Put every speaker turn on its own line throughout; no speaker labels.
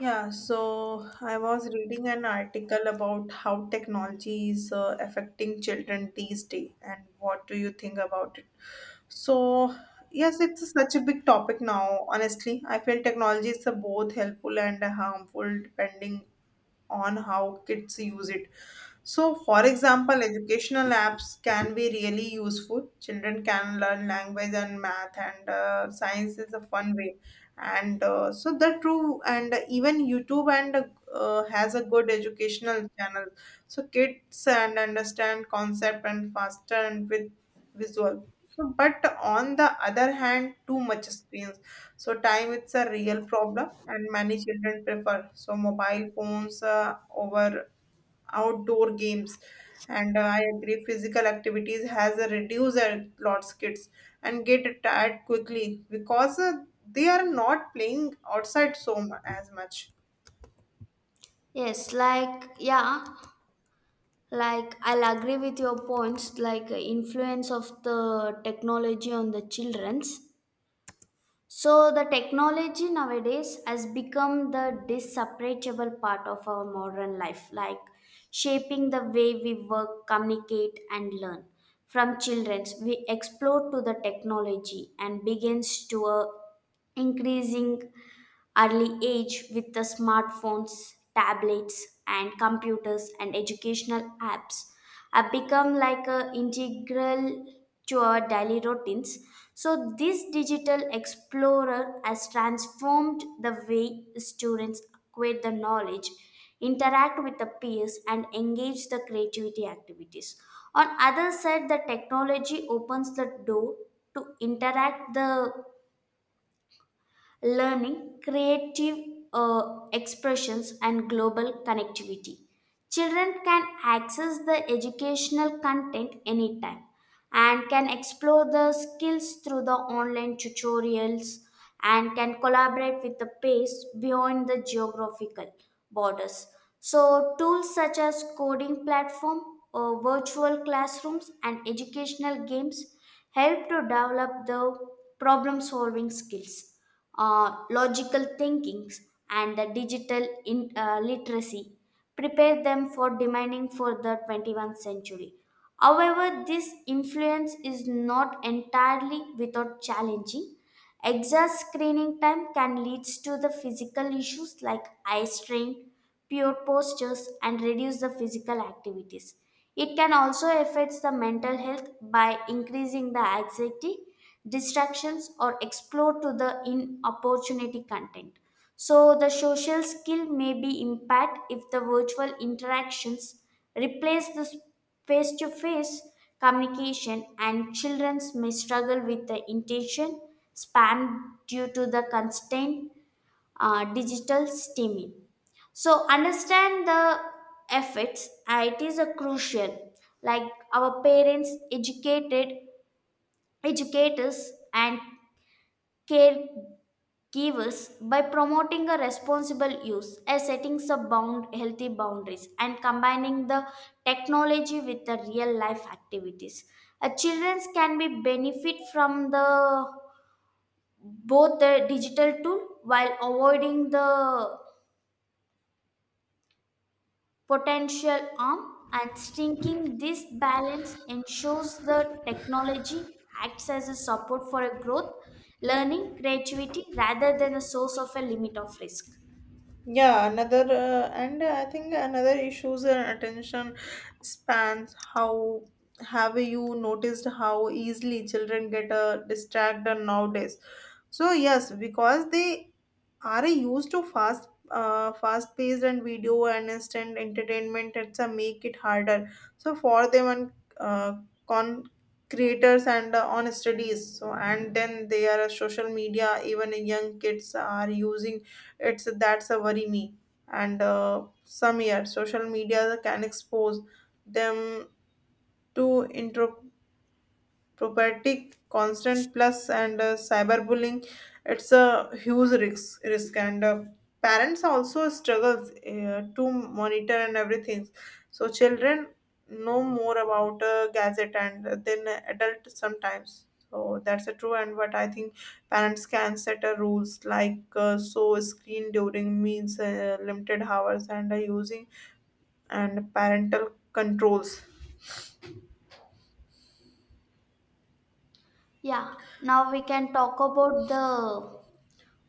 Yeah, so I was reading an article about how technology is affecting children these days, and what do you think about it? So, yes, it's such a big topic now. Honestly, I feel technology is both helpful and harmful depending on how kids use it. So, for example, educational apps can be really useful. Children can learn language and math, and science is a fun way. And so, the true, and even YouTube and has a good educational channel. So, kids and understand concept and faster and with visual. So, but on the other hand, too much screens. So, time it's a real problem and many children prefer so mobile phones over outdoor games and I agree physical activities has a reduced a lots kids and get tired quickly because they are not playing outside so as much.
Yes, like, yeah, like I'll agree with your points, like influence of the technology on the children's. So the technology nowadays has become the disseparable part of our modern life, like shaping the way we work, communicate, and learn. From children's, we explore to the technology and begins to a increasing early age with the smartphones, tablets, and computers and educational apps have become like a integral to our daily routines. So this digital explorer has transformed the way students acquire the knowledge, interact with the peers, and engage the creativity activities. On other side, the technology opens the door to interact the learning, creative expressions, and global connectivity. Children can access the educational content anytime and can explore the skills through the online tutorials and can collaborate with the peers beyond the geographical borders. So, tools such as coding platform, virtual classrooms, and educational games help to develop the problem solving skills logical thinkings and the digital literacy prepare them for demanding for the 21st century. However, this influence is not entirely without challenging. Excess screening time can lead to the physical issues like eye strain, poor postures, and reduce the physical activities. It can also affect the mental health by increasing the anxiety, distractions, or explore to the inopportunity content. So the social skill may be impaired if the virtual interactions replace the face-to-face communication and children may struggle with the intention span due to the constant digital stimuli. So understand the effects. It is a crucial. Like our parents educated educators and caregivers by promoting a responsible use, as setting some bound healthy boundaries and combining the technology with the real life activities. Children can be benefit from the both the digital tool while avoiding the potential arm and striking this balance ensures the technology acts as a support for a growth learning creativity rather than a source of a limit of risk.
Yeah, another and I think another issues are attention spans. How have you noticed how easily children get distracted nowadays? So yes, because they are I used to fast fast paced and video and instant entertainment it's a make it harder so for them and uh, con creators and on studies so and then they are a social media. Even young kids are using it's that's a worry me. And some year social media can expose them to intro property constant plus and cyberbullying. It's a huge risk and parents also struggles to monitor and everything. So children know more about gadget and then adult sometimes. So that's a true, and but I think parents can set a rules like so screen during means limited hours and using and parental controls.
Yeah, now we can talk about the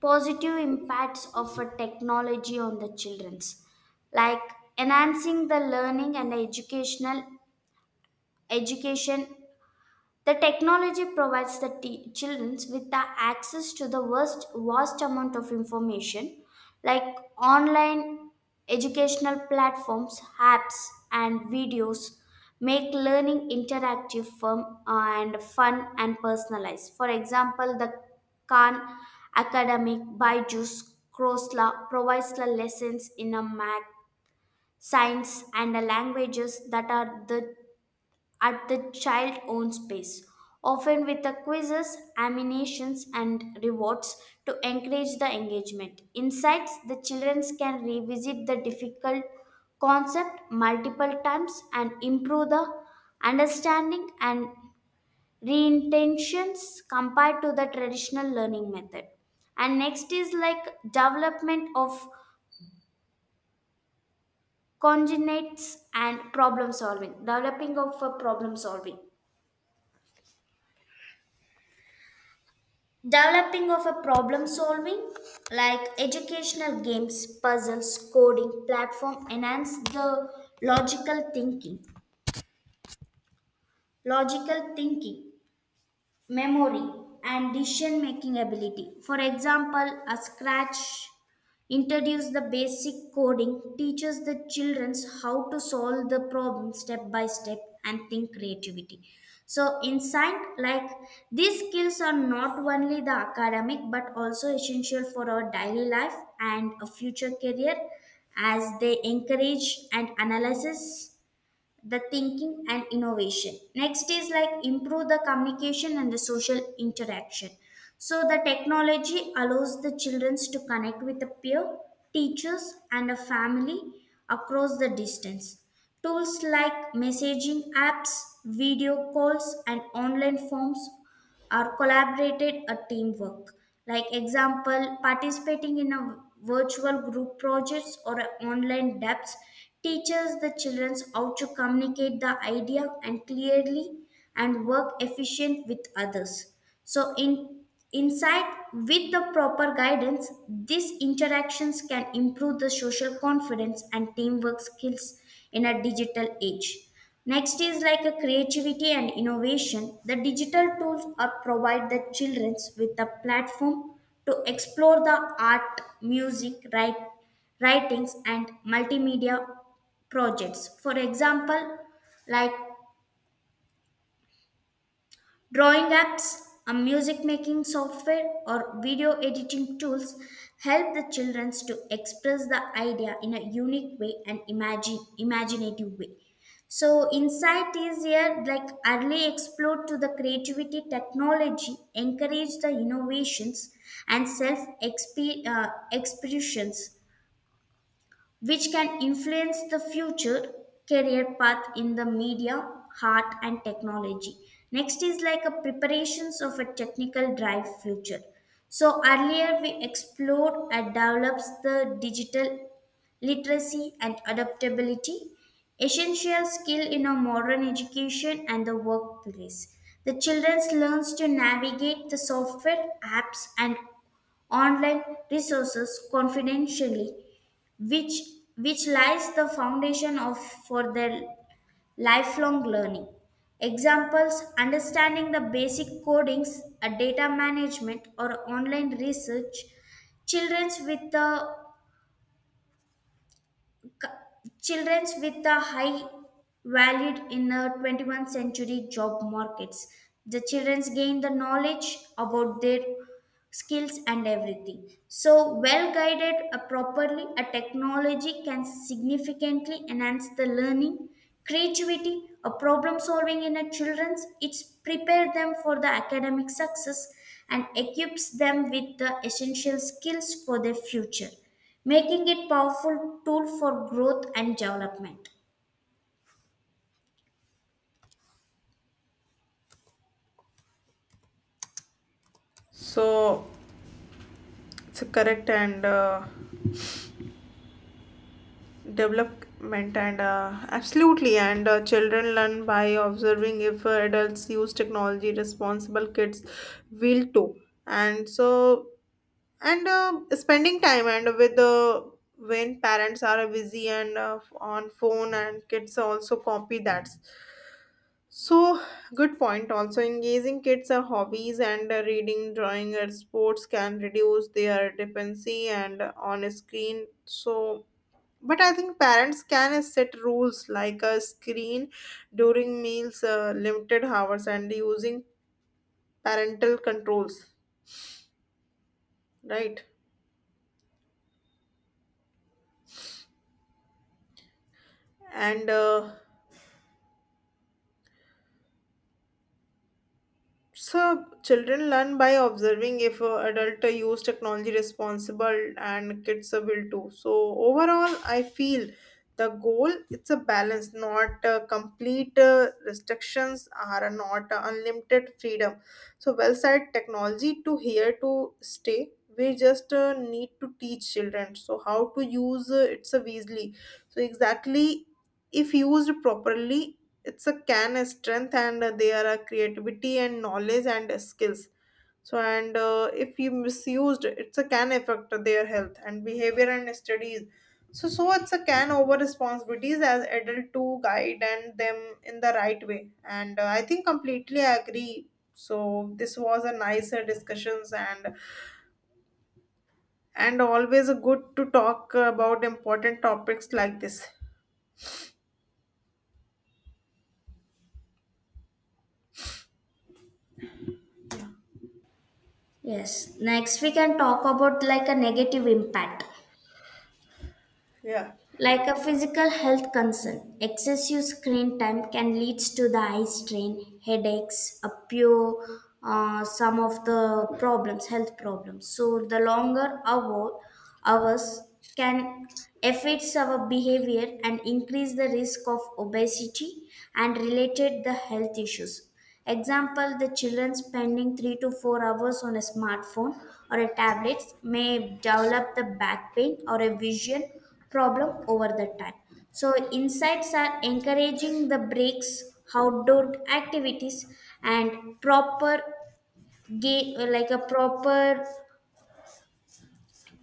positive impacts of a technology on the children's, like enhancing the learning and educational education. The technology provides the children with the access to the vast amount of information, like online educational platforms, apps, and videos make learning interactive firm and fun and personalized. For example, the Khan Academic, Byju's, Crosla provides the lessons in a math, science, and the languages that are the at the child own space, often with the quizzes, animations, and rewards to encourage the engagement. Insights the children can revisit the difficult concept multiple times and improve the understanding and reintentions compared to the traditional learning method. And next is like development of congenites and problem solving, developing of a problem solving Developing of a problem solving, like educational games, puzzles, coding platform enhance the logical thinking. logical thinking, memory and decision making ability. For example, a scratch introduces the basic coding, teaches the children how to solve the problem step by step and think creativity. So in science, like these skills are not only the academic but also essential for our daily life and a future career as they encourage and analysis the thinking and innovation. Next is like improve the communication and the social interaction. So the technology allows the children to connect with the peer, teachers and a family across the distance. Tools like messaging apps, video calls and online forms or collaborated a teamwork, like example participating in a virtual group projects or a online debts teaches the children how to communicate the idea and clearly and work efficient with others. So in inside with the proper guidance these interactions can improve the social confidence and teamwork skills in a digital age. Next is like a creativity and innovation. The digital tools are provide the children with a platform to explore the art, music, writings, and multimedia projects. For example, like drawing apps, a music making software, or video editing tools help the children to express the idea in a unique way and imagine imaginative way. So insight is here like early explore to the creativity technology, encourage the innovations and self expressions which can influence the future career path in the media, art, and technology. Next is like a preparations of a technical drive future. So earlier we explored and develops the digital literacy and adaptability, essential skill in a modern education and the workplace. The children learns to navigate the software, apps, and online resources confidentially, which, which lies the foundation of for their lifelong learning. Examples understanding the basic codings, a data management, or online research. Childrens with the Childrens with the high valued in the 21st century job markets. The childrens gain the knowledge about their skills and everything so well guided properly a technology can significantly enhance the learning creativity a problem solving in a children's it's prepare them for the academic success and equips them with the essential skills for their future making it powerful tool for growth and development.
So it's correct and development and absolutely and children learn by observing if adults use technology responsible kids will too. And so and spending time and with when parents are busy and on phone and kids also copy that. So good point, also engaging kids are hobbies and reading drawing and sports can reduce their dependency and on a screen. So but I think parents can set rules like a screen during meals, limited hours, and using parental controls, right? And so children learn by observing if adult use technology responsible and kids will too. So overall, I feel the goal it's a balance, not complete restrictions are not unlimited freedom. So well said, technology to here to stay. We just need to teach children so how to use it so easily. So exactly, if used properly, it's a can a strength and they are a creativity and knowledge and skills so and if you misused it's a can affect their health and behavior and studies. So it's a can over responsibilities as adult to guide and them in the right way. And I think completely I agree. So this was a nicer discussions and always good to talk about important topics like this.
Yes, next we can talk about like a negative impact.
Yeah.
Like a physical health concern, excessive screen time can lead to the eye strain, headaches, a pure some of the problems, health problems. So the hours can affects our behavior and increase the risk of obesity and related the health issues. Example, the children spending 3 to 4 hours on a smartphone or a tablet may develop the back pain or a vision problem over the time. So insights are encouraging the breaks, outdoor activities and proper game like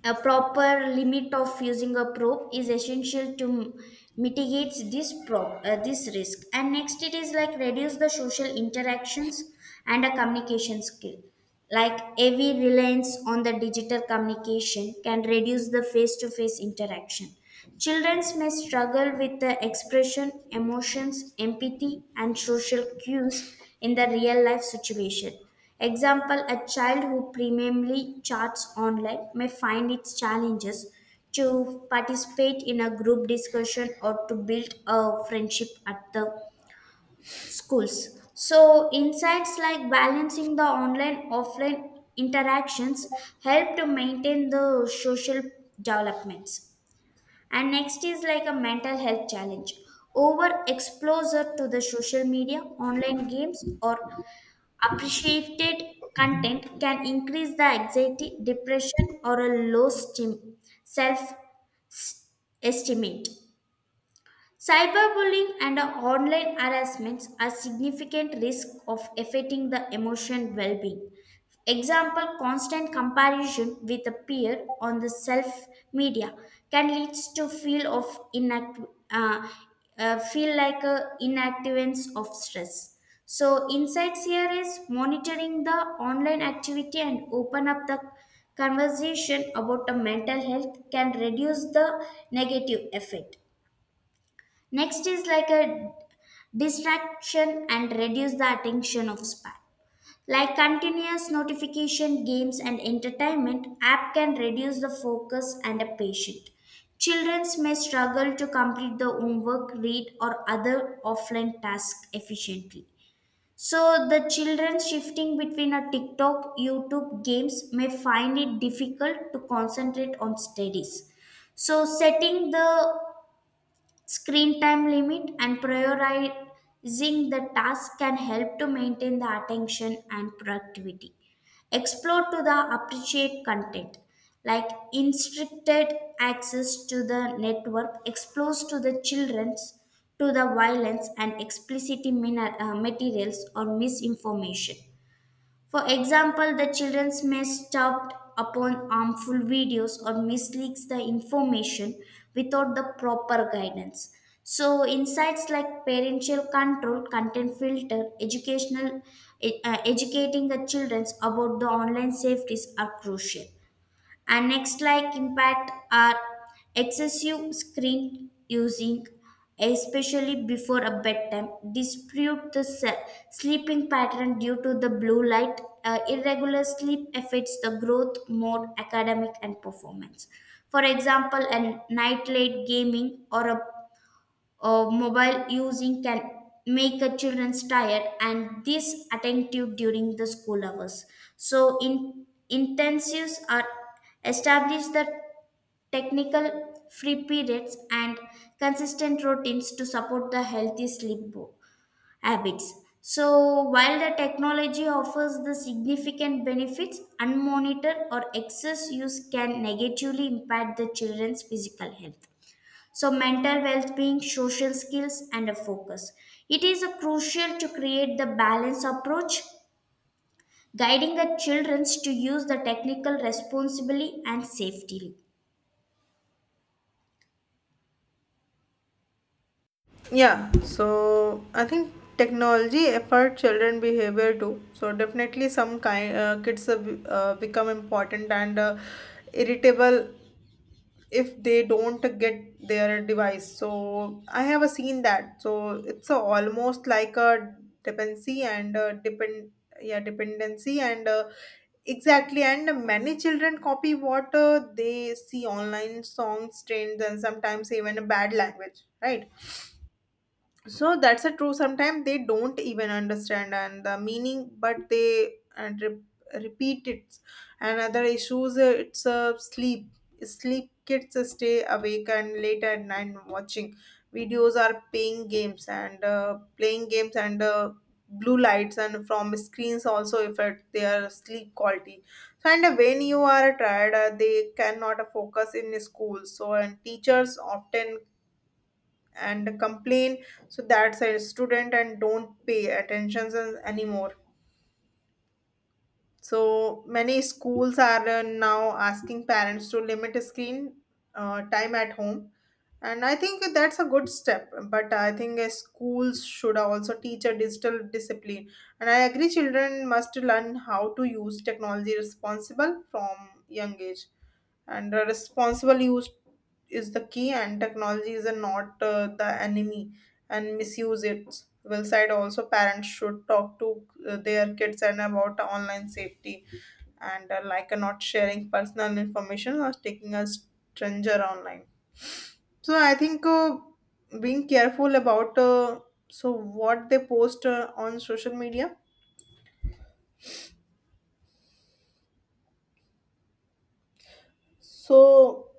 a proper limit of using a probe is essential to mitigate this this risk. And next, it is like reduce the social interactions and a communication skill. Like heavy reliance on the digital communication can reduce the face-to-face interaction. Children may struggle with the expression, emotions, empathy, and social cues in the real life situation. Example, a child who primarily chats online may find it challenges to participate in a group discussion or to build a friendship at the schools. So, insights like balancing the online offline interactions help to maintain the social developments. And next is like a mental health challenge. Over exposure to the social media, online games, or appreciated content can increase the anxiety, depression, or a low self s- estimate. Cyberbullying and online harassments are significant risks of affecting the emotional well-being. Example, constant comparison with a peer on the self media can lead to inact uh, feel like a inactivance of stress. So insights here is monitoring the online activity and open up the conversation about the mental health can reduce the negative effect. Next is like a distraction and reduce the attention of span. Like continuous notification, games, and entertainment, app can reduce the focus and a patient. Children may struggle to complete the homework, read, or other offline tasks efficiently. So the children shifting between a TikTok, YouTube games may find it difficult to concentrate on studies. So setting the screen time limit and prioritizing the task can help to maintain the attention and productivity. Explore to the appreciate content, like restricted access to the network exposed to the children's to the violence and explicit materials or misinformation. For example, the children may stumble upon harmful videos or misleads the information without the proper guidance. So, insights like parental control, content filter, educating the children about the online safeties are crucial. And next, like impact, are excessive screen using, especially before a bedtime, dispute the sleeping pattern due to the blue light. Irregular sleep affects the growth, mode, academic, and performance. For example, a night late gaming or a or mobile using can make a children's tired and disattentive during the school hours. So in intensives are establish the technical free periods and consistent routines to support the healthy habits. So while the technology offers the significant benefits, unmonitored or excess use can negatively impact the children's physical health, so mental well being, social skills, and a focus. It is a crucial to create the balanced approach, guiding the children to use the technical responsibly and safely.
Yeah, so I think technology affect children behavior too. So definitely some kind kids become important and irritable if they don't get their device. So I have seen that. So it's almost like a dependency and depend. Yeah, dependency and exactly and many children copy what they see online songs trends and sometimes even a bad language, right? So that's a true. Sometimes they don't even understand and the meaning, but they and repeat it. And other issues, it's sleep. Sleep kids stay awake and late at night watching videos are playing games and blue lights and from screens also affect their sleep quality. So and when you are tired, they cannot focus in school. So and teachers often and complain so that's a student and don't pay attention anymore. So many schools are now asking parents to limit screen time at home, and I think that's a good step. But I think schools should also teach a digital discipline, and I agree children must learn how to use technology responsible from young age, and responsible use is the key, and technology is not the enemy, and misuse it will side. Also parents should talk to their kids and about online safety and not sharing personal information or taking a stranger online. So I think being careful about so what they post on social media. So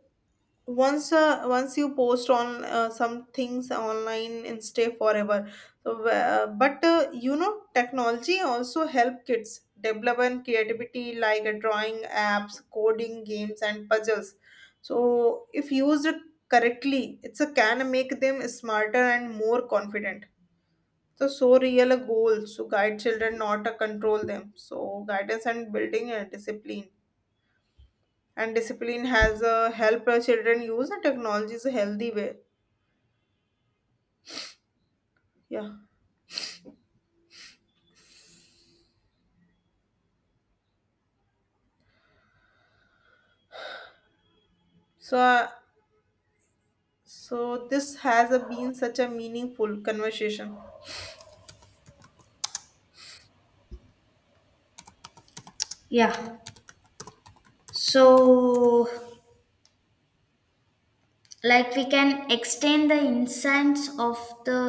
once you post on some things online and stay forever. So, but technology also help kids develop and creativity like drawing apps, coding games, and puzzles. So if used correctly, it's a can make them smarter and more confident. So so real a goal to guide children, not to control them. So guidance and building a discipline and discipline has helped our children use the technology in a healthy way. Yeah. So, so this has been such a meaningful conversation.
Yeah. So like we can extend the insights of the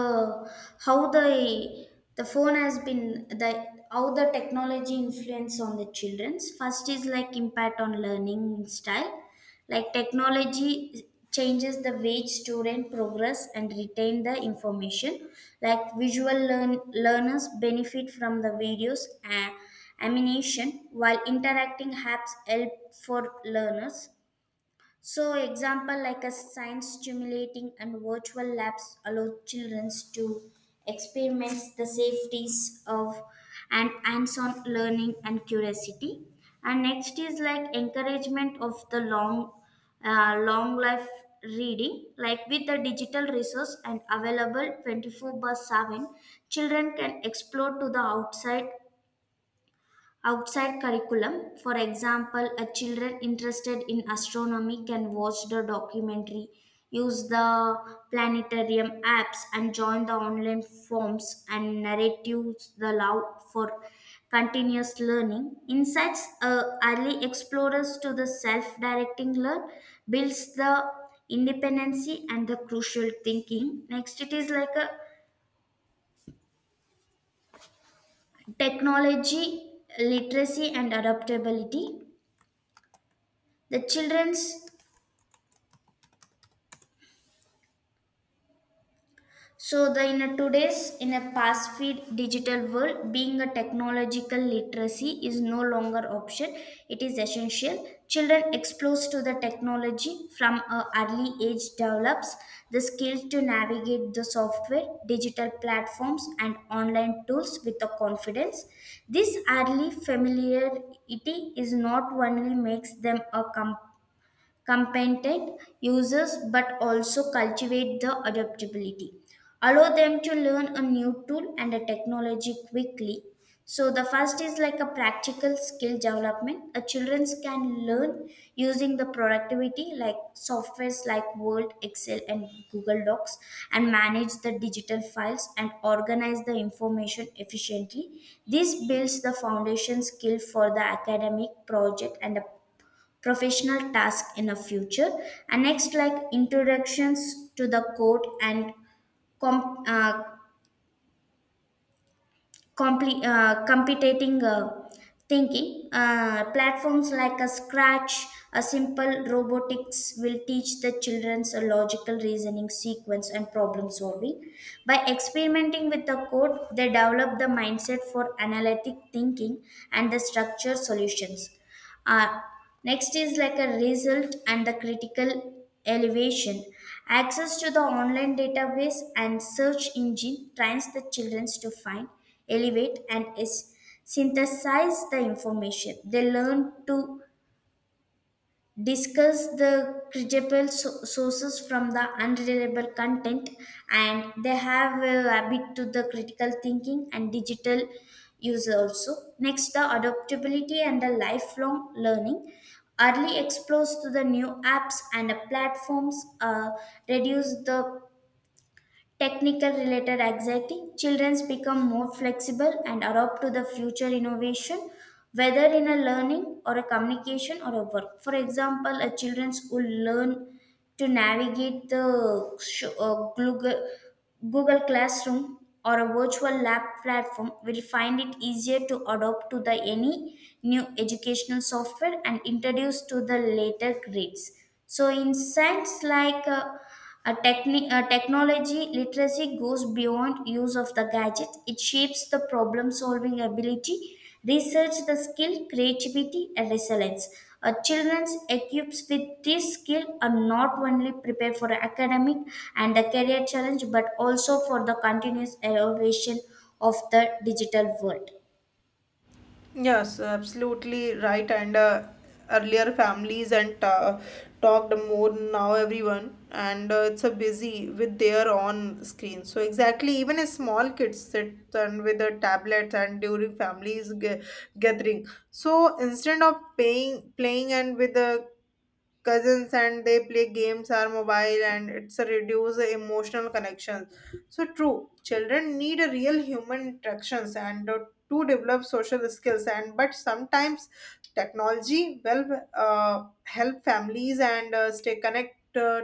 how the the phone has been the how the technology influence on the children's. First is like impact on learning style, like technology changes the way student progress and retain the information, like visual learners benefit from the videos and animation while interacting apps help for learners. So, example like a science stimulating and virtual labs allow children to experiment the safeties of and hands-on learning and curiosity. And next is like encouragement of the long life reading. Like with the digital resource and available 24 by 7, children can explore to the outside curriculum. For example, a children interested in astronomy can watch the documentary, use the planetarium apps, and join the online forms and narratives. The love for continuous learning insights early explorers to the self-directing learn builds the independency and the crucial thinking. Next, it is like a technology literacy and adaptability. The children's So the in a today's in a fast feed digital world, being a technological literacy is no longer option. It is essential. Children exposed to the technology from an early age develops the skill to navigate the software, digital platforms, and online tools with the confidence. This early familiarity is not only makes them a competent users but also cultivate the adaptability allow them to learn a new tool and a technology quickly. So the first is like a practical skill development, a children can learn using the productivity like softwares like Word, Excel, and Google Docs, and manage the digital files and organize the information efficiently. This builds the foundation skill for the academic project and professional task in the future. And next, like introductions to the code and com- uh, competing thinking. Platforms like a Scratch, a simple robotics will teach the children's a logical reasoning sequence and problem solving. By experimenting with the code, they develop the mindset for analytic thinking and the structure solutions. uh, Next is like a result and the critical elevation. Access to the online database and search engine trains the children to find, elevate, and synthesize the information. They learn to discuss the credible sources from the unreliable content, and they have a habit to the critical thinking and digital use also. Next, the adaptability and the lifelong learning, early explores to the new apps and the platforms reduce the technical related anxiety. Children become more flexible and adapt to the future innovation, whether in a learning or a communication or a work. For example, a children who learn to navigate the Google Classroom or a virtual lab platform will find it easier to adopt to the any new educational software and introduce to the later grades. So in science like a techni- a technology literacy goes beyond use of the gadget. It shapes the problem solving ability, research the skill, creativity, and resilience. A children's equipped with this skill are not only prepared for academic and the career challenge, but also for the continuous elevation of the digital world.
Yes, absolutely right. And earlier families and talked more now everyone, and it's a busy with their own screen. So exactly, even a small kids sit and with the tablets and during families gathering. So instead of paying playing and with the cousins and they play games or mobile and it's a reduce the emotional connections. So true, children need a real human interactions and to develop social skills and but sometimes technology will help families and stay connect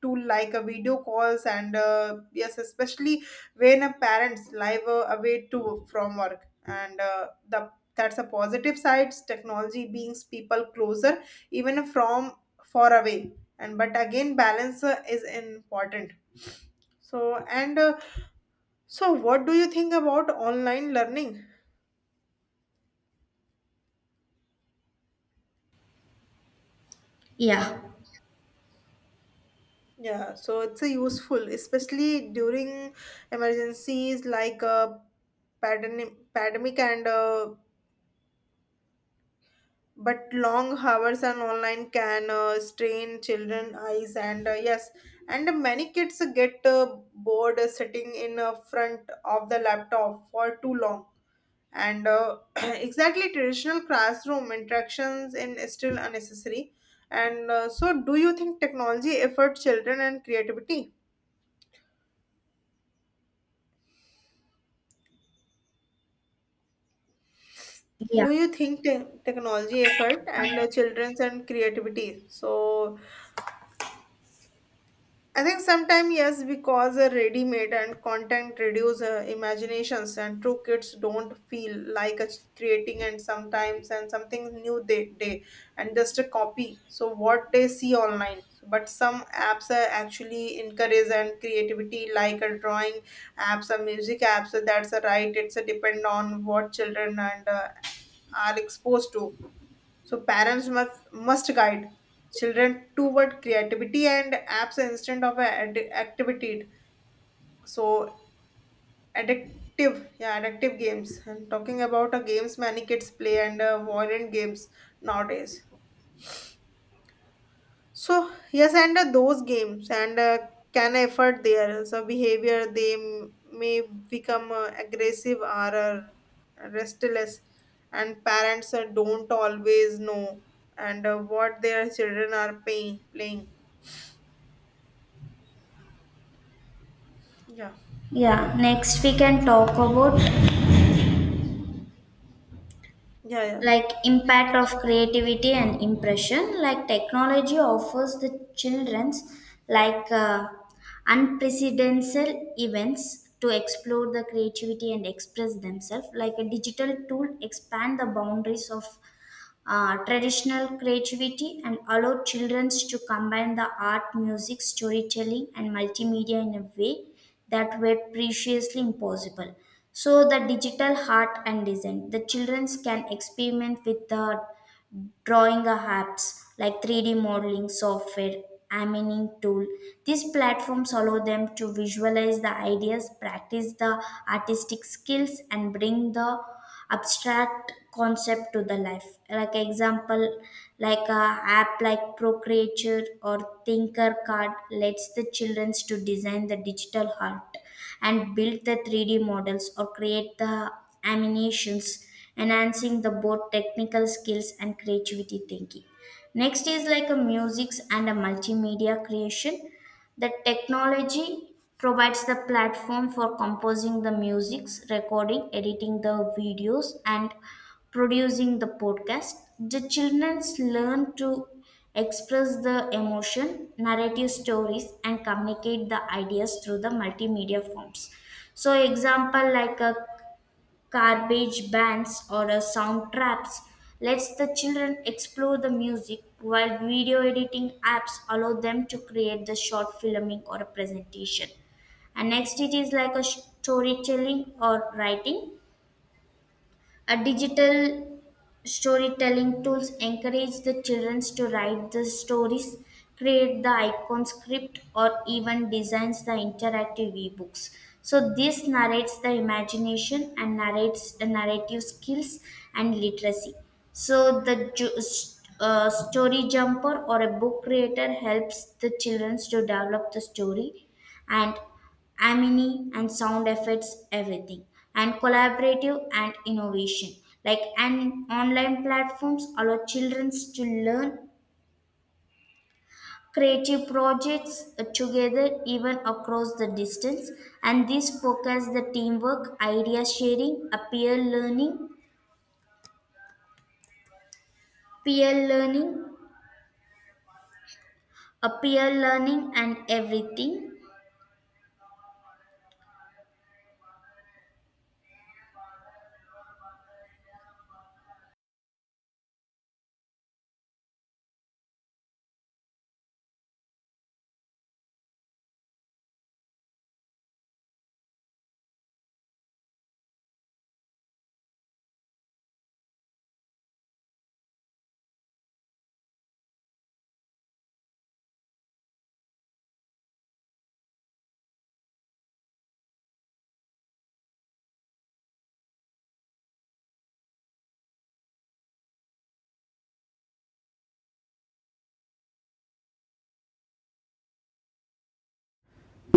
to like a video calls and yes, especially when a parents live away to from work and the that's a positive sides technology brings people closer even from far away. And but again balance is important. So and so what do you think about online learning?
Yeah,
Yeah, so it's a useful especially during emergencies like pandemic and but long hours and online can strain children eyes and yes and many kids get bored sitting in front of the laptop for too long and exactly traditional classroom interactions in is still unnecessary. And so do you think technology effort children and creativity?
yeah,
Do you think technology effort and children's and creativity? So I think sometimes yes, because a ready-made and content reduce imaginations, and true kids don't feel like a creating and sometimes and something new they day and just a copy. So what they see online, but some apps are actually encourage and creativity like a drawing apps or music apps. That's a right. It's a depend on what children and are exposed to. So parents must guide children toward creativity and apps instead of a activity. So addictive, yeah, addictive games. I'm talking about games many kids play and violent games nowadays. So yes, and those games and can affect their so behavior. They may become aggressive or restless, and parents don't always know and what their children are paying, playing. Yeah,
yeah. Next, we can talk about
yeah, yeah,
like impact of creativity and impression. Like technology offers the children's like unprecedented events to explore the creativity and express themselves. Like a digital tool expand the boundaries of traditional creativity and allow children to combine the art, music, storytelling, and multimedia in a way that were previously impossible. So, the digital art and design, the children can experiment with the drawing apps like 3D modeling software, Amining tool. These platforms allow them to visualize the ideas, practice the artistic skills, and bring the abstract concept to the life. Like example, like a app like procreature or thinker card lets the children to design the digital heart and build the 3D models or create the animations, enhancing the both technical skills and creativity thinking. Next is like a musics and a multimedia creation. The technology provides the platform for composing the musics, recording, editing the videos, and producing the podcast. The children learn to express the emotion, narrative stories, and communicate the ideas through the multimedia forms. So, example, like a garbage bands or sound traps lets the children explore the music, while video editing apps allow them to create the short filming or a presentation. And next, it is like a storytelling or writing, a digital storytelling tools encourage the children to write the stories, create the icon script, or even designs the interactive ebooks. So this narrates the imagination and narrates the narrative skills and literacy. So the story jumper or a book creator helps the children to develop the story and amini and sound effects everything. And collaborative and innovation, like and online platforms allow children to learn creative projects together, even across the distance. And this focus the teamwork idea sharing, peer learning a peer learning and everything.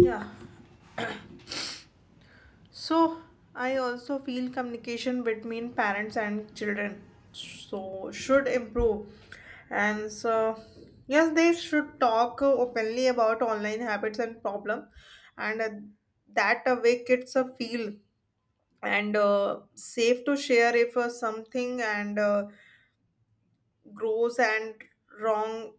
yeah. So I also feel communication between parents and children so should improve. And so yes, they should talk openly about online habits and problem and that way kids feel and safe to share if something and grows and wrong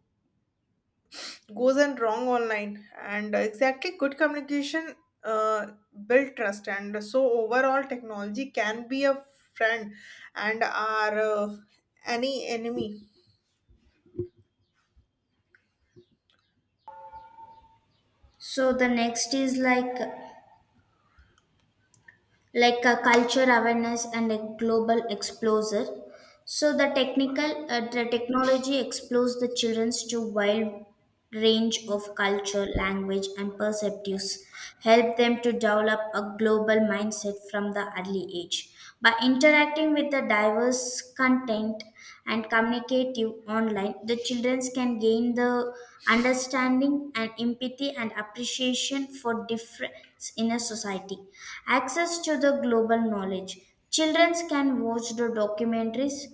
goes and wrong online and exactly good communication uh, build trust. And so overall technology can be a friend and our any enemy.
So the next is like a culture awareness and a global exposure. So the technical the technology explores the children's to wide range of culture, language, and perceptives, help them to develop a global mindset from the early age. By interacting with the diverse content and communicative online, the children can gain the understanding and empathy and appreciation for difference in a society. Access to the global knowledge. Children can watch the documentaries,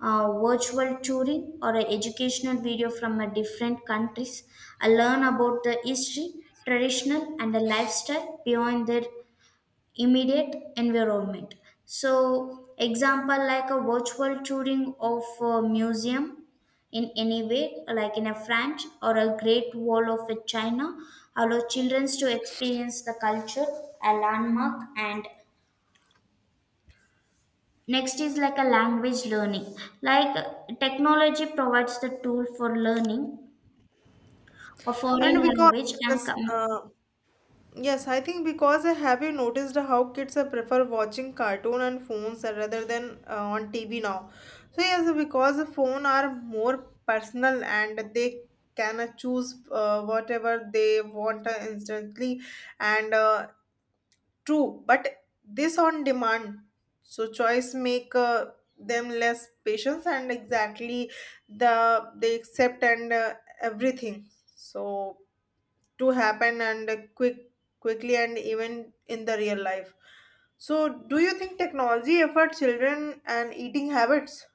virtual touring, or a educational video from a different countries, and learn about the history, traditional, and the lifestyle beyond their immediate environment. So, example, like a virtual touring of a museum in any way, like in a France or a Great Wall of a China, allow children to experience the culture, a landmark, and next is like a language learning. Like technology provides the tool for learning a foreign
And because
language and
yes yes I think because have you noticed how kids prefer watching cartoon and phones rather than on tv now? So yes, because the phone are more personal and they can choose whatever they want instantly and true, but this on demand, so choice make them less patience and exactly the they accept and everything. So to happen and quickly and even in the real life. So do you think technology affect children and eating habits?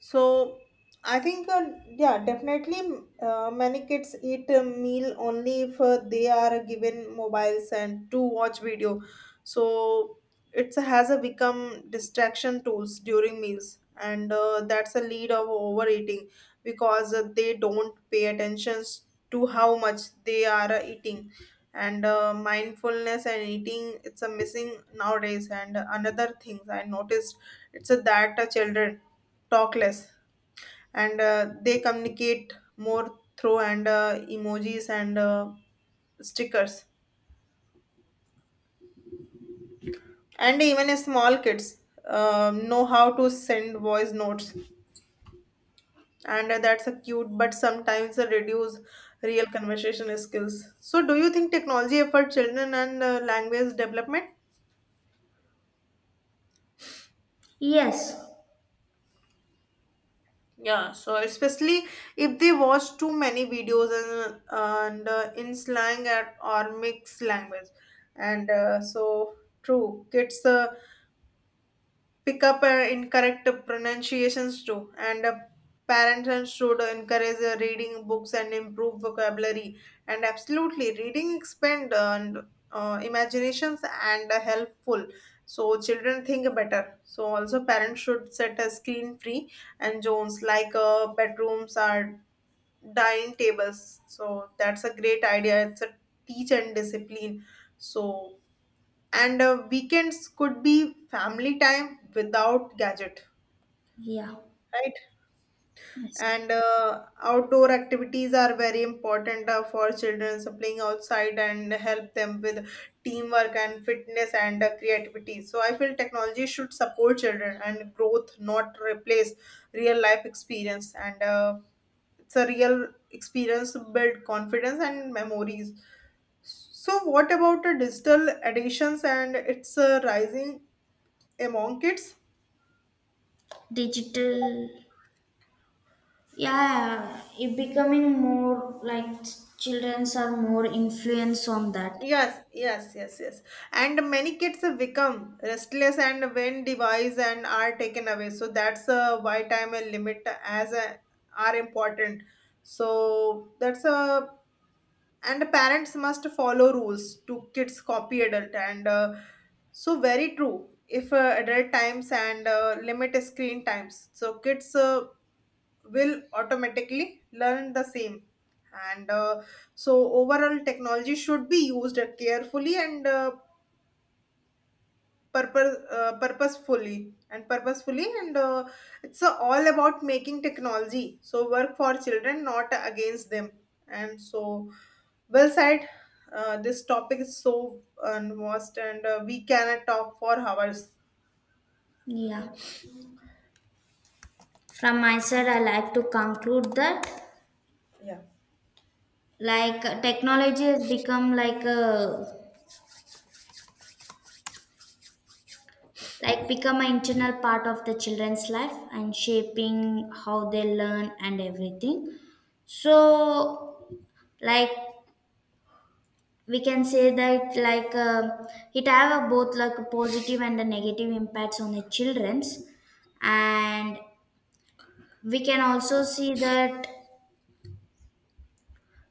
So I think, yeah, definitely many kids eat a meal only if they are given mobiles and to watch video. So it has a become distraction tools during meals, and that's a lead of overeating because they don't pay attention to how much they are eating. And mindfulness and eating it's a missing nowadays. And another thing I noticed it's a that children talk less and they communicate more through and emojis and stickers, and even small kids know how to send voice notes, and that's a cute but sometimes reduce real conversation skills. So do you think technology for children and language development?
yes,
Yeah, so especially if they watch too many videos and in slang at, or mixed language, and so true, kids pick up incorrect pronunciations too, and parents should encourage reading books and improve vocabulary. And absolutely, reading expand and imaginations and helpful, so children think better. So also parents should set a screen free and zones like bedrooms or dining tables. So that's a great idea, it's a teach and discipline. So and weekends could be family time without gadget,
yeah,
right.
yes.
And outdoor activities are very important for children, so playing outside and help them with teamwork and fitness and creativity. So I feel technology should support children and growth, not replace real life experience, and it's a real experience to build confidence and memories. So what about the digital additions and its rising among kids?
Digital, yeah, it becoming more like childrens are more influence on that.
Yes, yes, yes, yes. And many kids have become restless and when device and are taken away. So that's why time and limit as a, are important. So that's a and parents must follow rules to kids copy adult and so very true. If adult times and limit screen times, so kids will automatically learn the same, and so overall technology should be used carefully and purposefully, and it's all about making technology so work for children, not against them. And so, well said. This topic is so vast, and we can talk for hours.
Yeah. From my side, I like to conclude that
yeah
like technology has become like a like become an internal part of the children's life and shaping how they learn and everything. So like we can say that like it have a both like a positive and a negative impacts on the children's. And we can also see that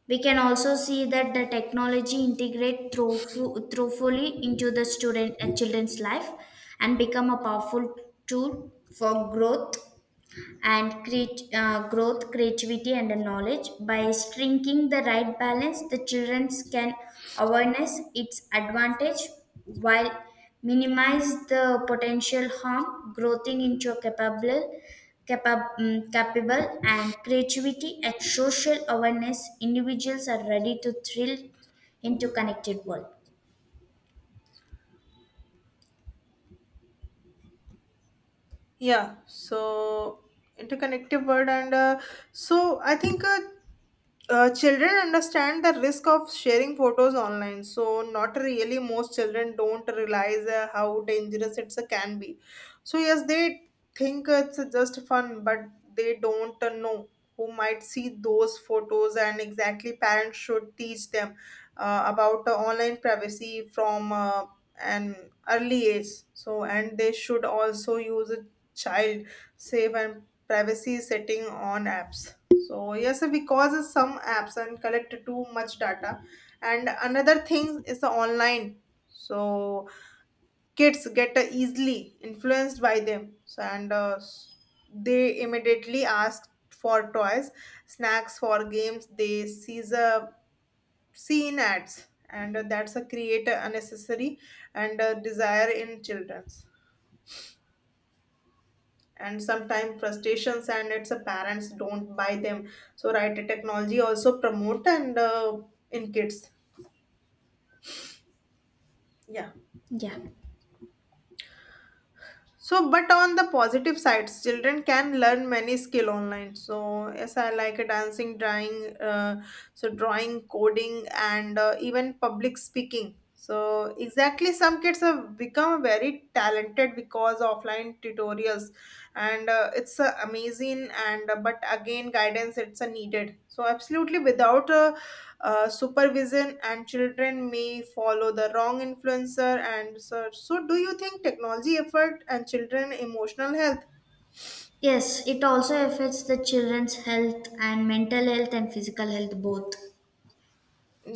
we can also see that the technology integrate through fu- through fully into the student children's life and become a powerful tool for growth and create growth, creativity, and the knowledge. By striking the right balance, the children can awareness its advantage while minimize the potential harm, growing into a capable, capable, and creativity and social awareness. Individuals are ready to thrill into connected world.
yeah, so interconnected world. And I think children understand the risk of sharing photos online. So not really, most children don't realize how dangerous it can be. So yes, they think it's just fun, but they don't know who might see those photos. And exactly, parents should teach them about online privacy from an early age. So and they should also use child safe and privacy setting on apps. So yes, because some apps and collect too much data. And another thing is the online. So kids get easily influenced by them, so, they immediately ask for toys, snacks for games. They sees a seen ads, and that's a create a unnecessary and a desire in children, and sometimes frustrations, and it's a parents don't buy them. So right, technology also promote and in kids, yeah.
Yeah.
So but on the positive sides, children can learn many skill online. So yes, I like dancing, drawing, so drawing, coding, and even public speaking. So exactly, some kids have become very talented because offline tutorials, and it's amazing. And but again, guidance it's needed. So absolutely, without supervision and children may follow the wrong influencer. And so, so do you think technology effort and children emotional health?
Yes, it also affects the children's health and mental health and physical health both.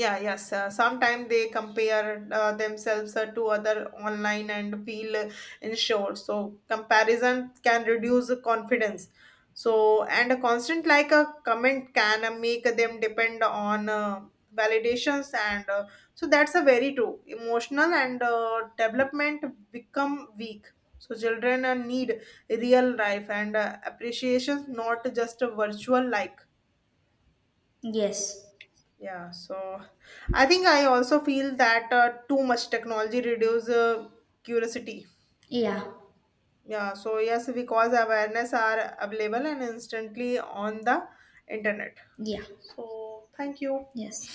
Yeah, yes. Sometimes they compare themselves to other online and feel unsure. So comparison can reduce the confidence. So and a constant like a comment can make them depend on validations, and so that's a very true. Emotional and development become weak. So children need real life and appreciations, not just a virtual like.
Yes.
Yeah, so I think I also feel that too much technology reduces curiosity.
Yeah.
Yeah, so yes, because awareness are available and instantly on the internet.
Yeah.
So thank you.
Yes.